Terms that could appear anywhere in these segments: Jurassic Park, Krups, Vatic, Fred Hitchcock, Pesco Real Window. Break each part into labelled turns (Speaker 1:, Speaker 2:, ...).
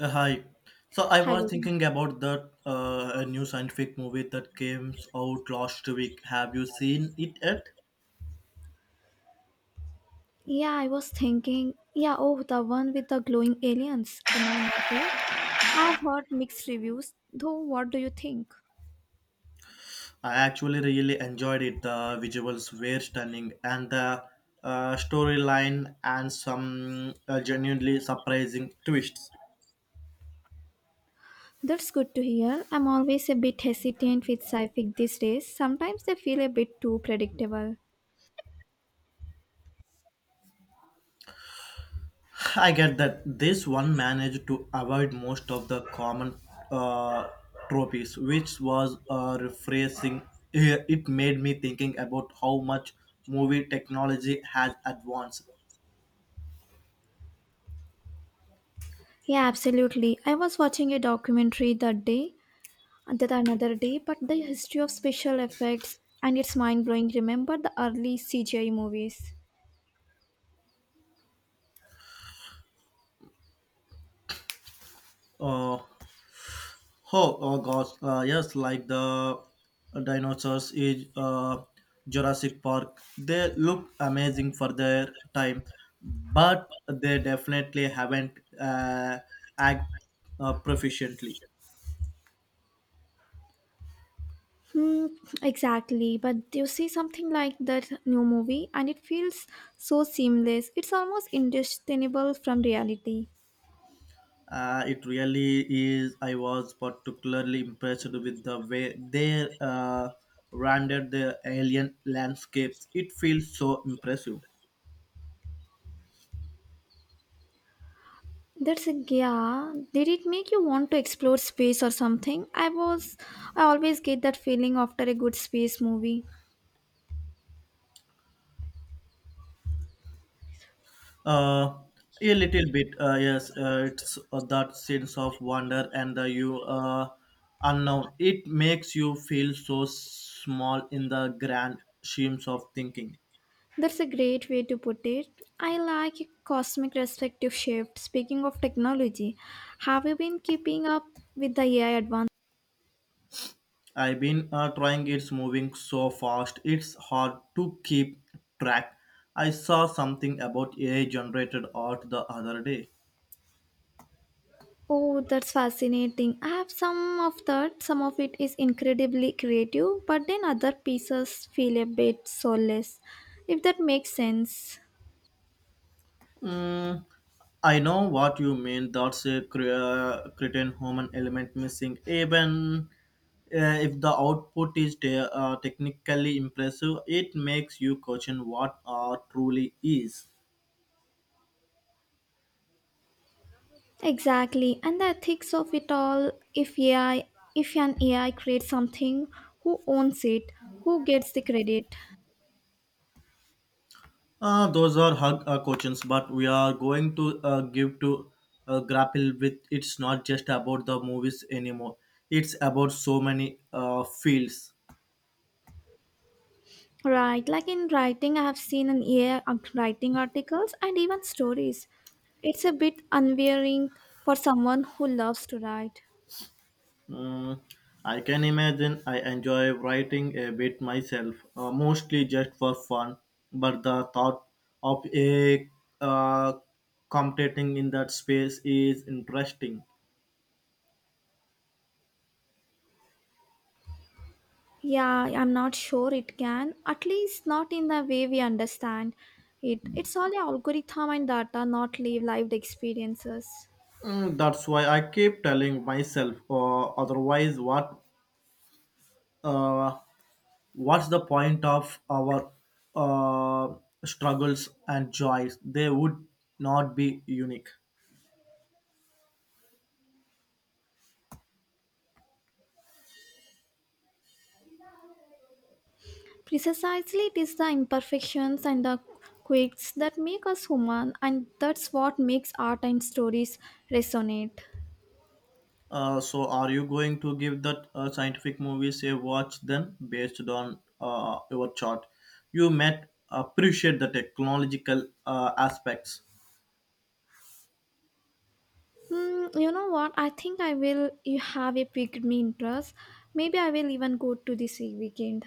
Speaker 1: Hi. So I was
Speaker 2: Hello.
Speaker 1: thinking about that a new scientific movie that came out last week. Have you seen it yet?
Speaker 2: Yeah, I was thinking, yeah, oh, the one with the glowing aliens. Oh, no, not right. I've heard mixed reviews, though, what do you think?
Speaker 1: I actually really enjoyed it. The visuals were stunning, and the storyline and some genuinely surprising twists.
Speaker 2: That's good to hear. I'm always a bit hesitant with sci fi these days. Sometimes they feel a bit too predictable.
Speaker 1: I get that this one managed to avoid most of the common uh, tropes, which was refreshing. It made me thinking about how much movie technology has advanced.
Speaker 2: Yeah, absolutely. I was watching a documentary that day, that another day, but the history of special effects, and it's mind blowing. Remember the early CGI movies?
Speaker 1: Uh, oh gosh, yes, like the dinosaurs is Jurassic Park. They look amazing for their time, but they definitely haven't uh, act proficiently.
Speaker 2: Hmm, exactly. But you see something like that new movie, and it feels so seamless. It's almost indistinguishable from reality.
Speaker 1: It really is. I was particularly impressed with the way they rendered the alien landscapes. It feels so impressive.
Speaker 2: That's a yeah. Did it make you want to explore space or something? I was. I always get that feeling after a good space movie.
Speaker 1: Uh, a little bit, yes. It's that sense of wonder and the you unknown. It makes you feel so small in the grand schemes of thinking.
Speaker 2: That's a great way to put it. I like a cosmic perspective shift. Speaking of technology, have you been keeping up with the AI advances?
Speaker 1: I've been trying. It's moving so fast. It's hard to keep track. I saw something about AI-generated art the other day.
Speaker 2: Oh, that's fascinating. I have some of that. Some of it is incredibly creative, but then other pieces feel a bit soulless, if that makes sense.
Speaker 1: Mm, I know what you mean. That's a cretin human element missing. Even uh, if the output is technically impressive, it makes you question what art truly is.
Speaker 2: Exactly. And the ethics of it all, if an AI creates something, who owns it? Who gets the credit?
Speaker 1: Those are hug questions, but we are going to give to grapple with. It's not just about the movies anymore. It's about so many fields.
Speaker 2: Right. Like in writing, I have seen an AI writing articles and even stories. It's a bit unwearing for someone who loves to write.
Speaker 1: Mm, I can imagine I enjoy writing a bit myself, mostly just for fun. But the thought of a uh, competing in that space is interesting.
Speaker 2: Yeah, I'm not sure it can. At least not in the way we understand it. It's all a algorithm and data, not lived experiences.
Speaker 1: Mm, that's why I keep telling myself. Otherwise, what? Uh, what's the point of our uh, struggles and joys? They would not be unique.
Speaker 2: Precisely, it is the imperfections and the quirks that make us human, and that's what makes art and stories resonate.
Speaker 1: So, are you going to give that scientific movies a watch then, based on your chart? You might appreciate the technological aspects.
Speaker 2: Hmm, you know what? I think I will. You have a piqued me interest. Maybe I will even go to this weekend.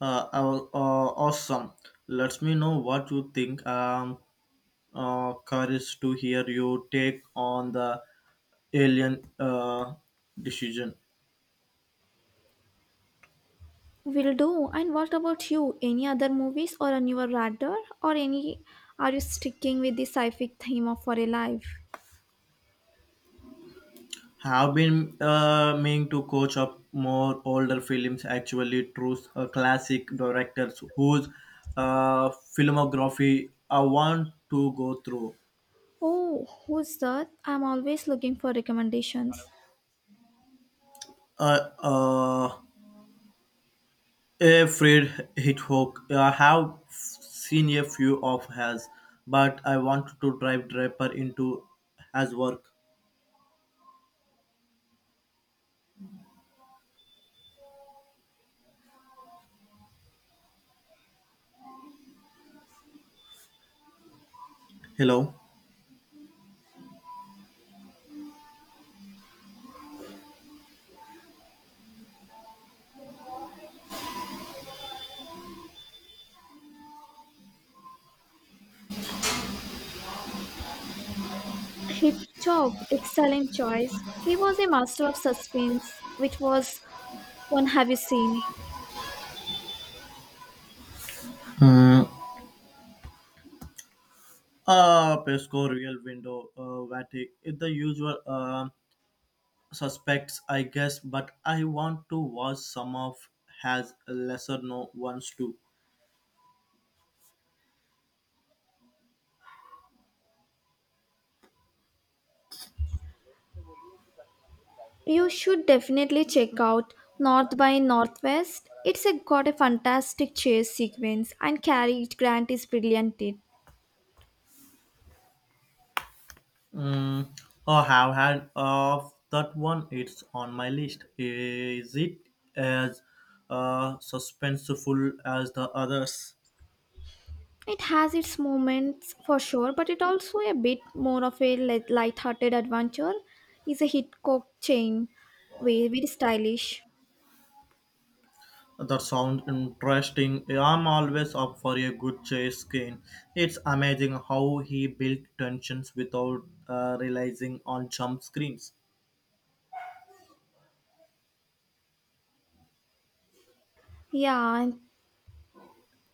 Speaker 1: Uh, uh, uh, Awesome. Let me know what you think. Curious to hear your take on the alien decision.
Speaker 2: Will do. And what about you? Any other movies or on your radar? Or any are you sticking with the sci-fi theme of for a life?
Speaker 1: Have been meaning to coach up more older films. Actually, true classic directors whose uh, filmography I want to go through.
Speaker 2: Oh, who's that? I'm always looking for recommendations.
Speaker 1: Uh, uh, a Fred Hitchcock. I have seen a few of his, but I want to dive deeper into his work. Hello.
Speaker 2: Hitchcock, excellent choice. He was a master of suspense, which was one have you seen?
Speaker 1: Hmm. Pesco Real Window Vatic. It's the usual suspects, I guess, but I want to watch some of has lesser known ones too.
Speaker 2: You should definitely check out North by Northwest. It's a, got a fantastic chase sequence and Cary Grant is brilliant in it.
Speaker 1: Mm, or have had of that one. It's on my list. Is it as suspenseful as the others?
Speaker 2: It has its moments for sure, but it also a bit more of a light-hearted adventure. It's a Hitchcock chain, very, very stylish.
Speaker 1: That sounds interesting. I'm always up for a good chase game. It's amazing how he built tensions without realizing on jump screens.
Speaker 2: Yeah, and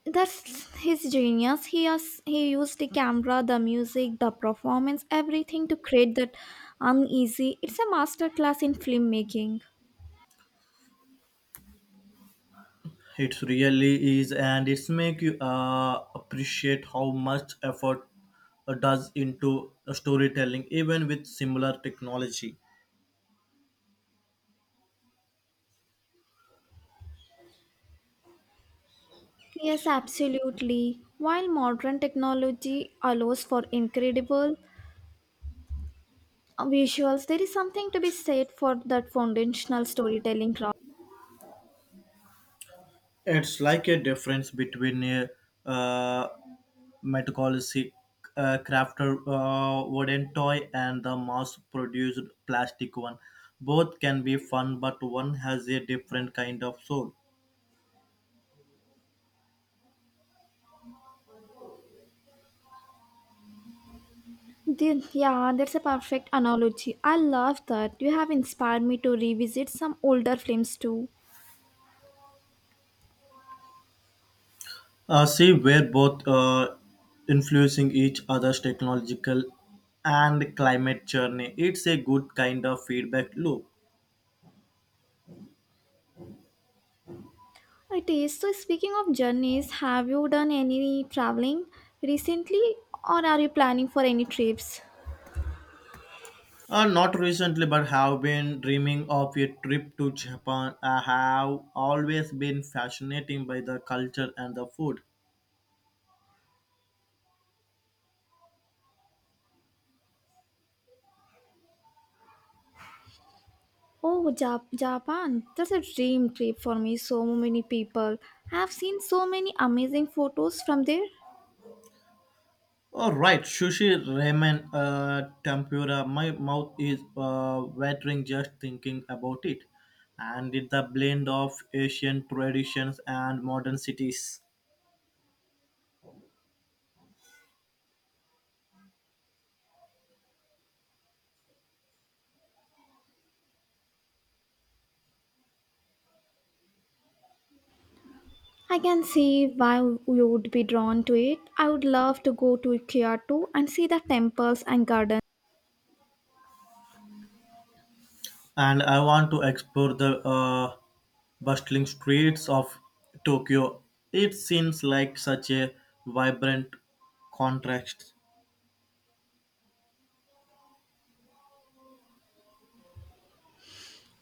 Speaker 2: that's his genius. He used the camera, the music, the performance, everything to create that uneasy. It's a masterclass in filmmaking.
Speaker 1: It's really is, and it's make you appreciate how much effort does into storytelling, even with similar technology.
Speaker 2: Yes, absolutely. While modern technology allows for incredible visuals, there is something to be said for that foundational storytelling craft.
Speaker 1: It's like a difference between a uh, metacolic crafter wooden toy and the mass-produced plastic one. Both can be fun, but one has a different kind of soul.
Speaker 2: Yeah, that's a perfect analogy. I love that. You have inspired me to revisit some older films too.
Speaker 1: See, we're both influencing each other's technological and climate journey. It's a good kind of feedback loop.
Speaker 2: It is. So, speaking of journeys, have you done any traveling recently or are you planning for any trips?
Speaker 1: Not recently, but have been dreaming of a trip to Japan. I have always been fascinated by the culture and the food.
Speaker 2: Oh, Japan. That's a dream trip for me. So many people. I have seen so many amazing photos from there.
Speaker 1: All right, sushi, ramen, tempura. My mouth is watering just thinking about it, and it's a blend of Asian traditions and modern cities.
Speaker 2: I can see why you would be drawn to it. I would love to go to Kyoto and see the temples and gardens.
Speaker 1: And I want to explore the bustling streets of Tokyo. It seems like such a vibrant contrast.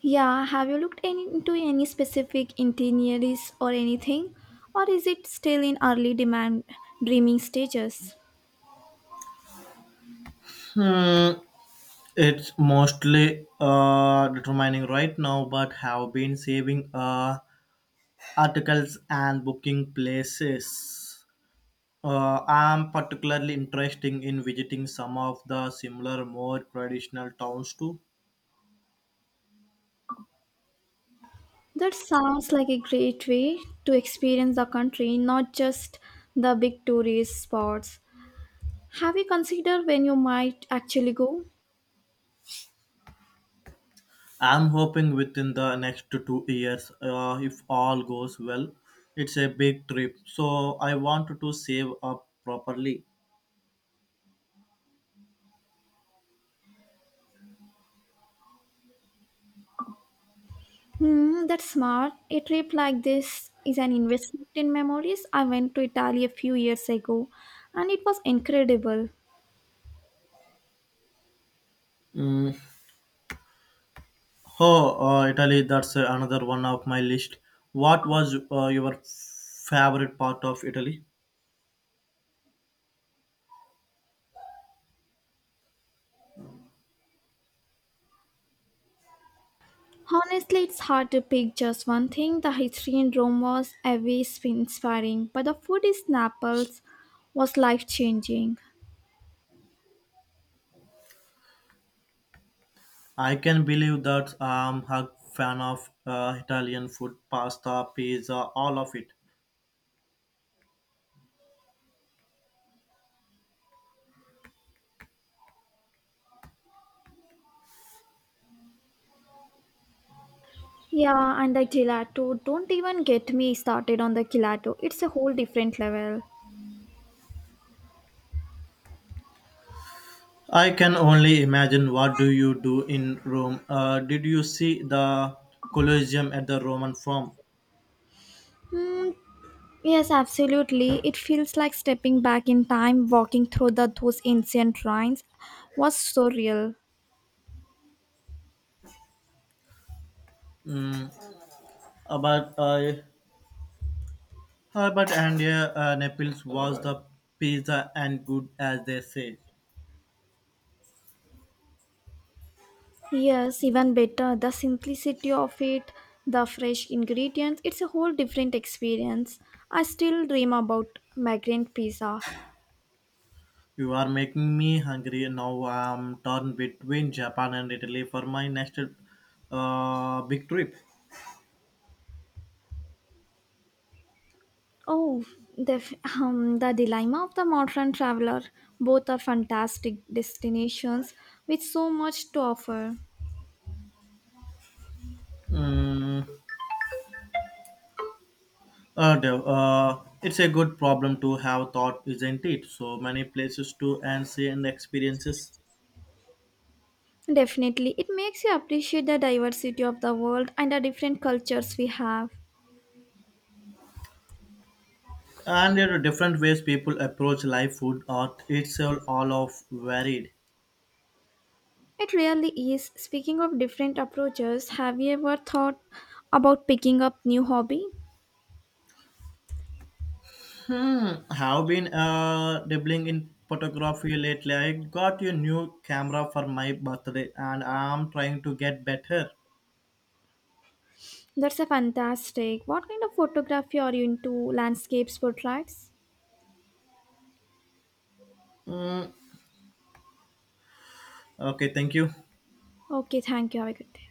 Speaker 2: Yeah, have you looked any, into any specific itineraries or anything? Or is it still in early demand dreaming stages?
Speaker 1: Hmm, it's mostly determining right now, but have been saving articles and booking places. I'm particularly interested in visiting some of the similar, more traditional towns too.
Speaker 2: That sounds like a great way to experience the country, not just the big tourist spots. Have you considered when you might actually go?
Speaker 1: I'm hoping within the next 2 years, if all goes well. It's a big trip, so I want to save up properly.
Speaker 2: Hmm, that's smart. A trip like this is an investment in memories. I went to Italy a few years ago and it was incredible.
Speaker 1: Mm. Oh, Italy, that's another one of my list. What was your favorite part of Italy?
Speaker 2: Honestly, it's hard to pick just one thing. The history in Rome was always inspiring, but the food in Naples was life changing.
Speaker 1: I can believe that I'm a fan of Italian food, pasta, pizza, all of it.
Speaker 2: Yeah, and the gelato. Don't even get me started on the gelato. It's a whole different level.
Speaker 1: I can only imagine what do you do in Rome. Did you see the Colosseum at the Roman Forum?
Speaker 2: Mm, yes, absolutely. It feels like stepping back in time, walking through those ancient ruins was surreal.
Speaker 1: Mm, About but Herbert and Naples was the pizza and good as they say.
Speaker 2: Yes, even better. The simplicity of it, the fresh ingredients, it's a whole different experience. I still dream about migrant pizza.
Speaker 1: You are making me hungry now. I'm torn between Japan and Italy for my next big trip.
Speaker 2: Oh, the, the dilemma of the modern traveler. Both are fantastic destinations with so much to offer.
Speaker 1: Mm, Dev, it's a good problem to have thought, isn't it? So many places to and see and experiences.
Speaker 2: Definitely, it makes you appreciate the diversity of the world and the different cultures we have.
Speaker 1: And there are different ways people approach life, food, art. It's all of varied.
Speaker 2: It really is. Speaking of different approaches, have you ever thought about picking up new hobby?
Speaker 1: Hmm, have been dabbling in photography lately. I got a new camera for my birthday and I'm trying to get better.
Speaker 2: That's a fantastic. What kind of photography are you into? Landscapes, portraits?
Speaker 1: Hmm. Okay, thank you.
Speaker 2: Okay, thank you. Have a good day.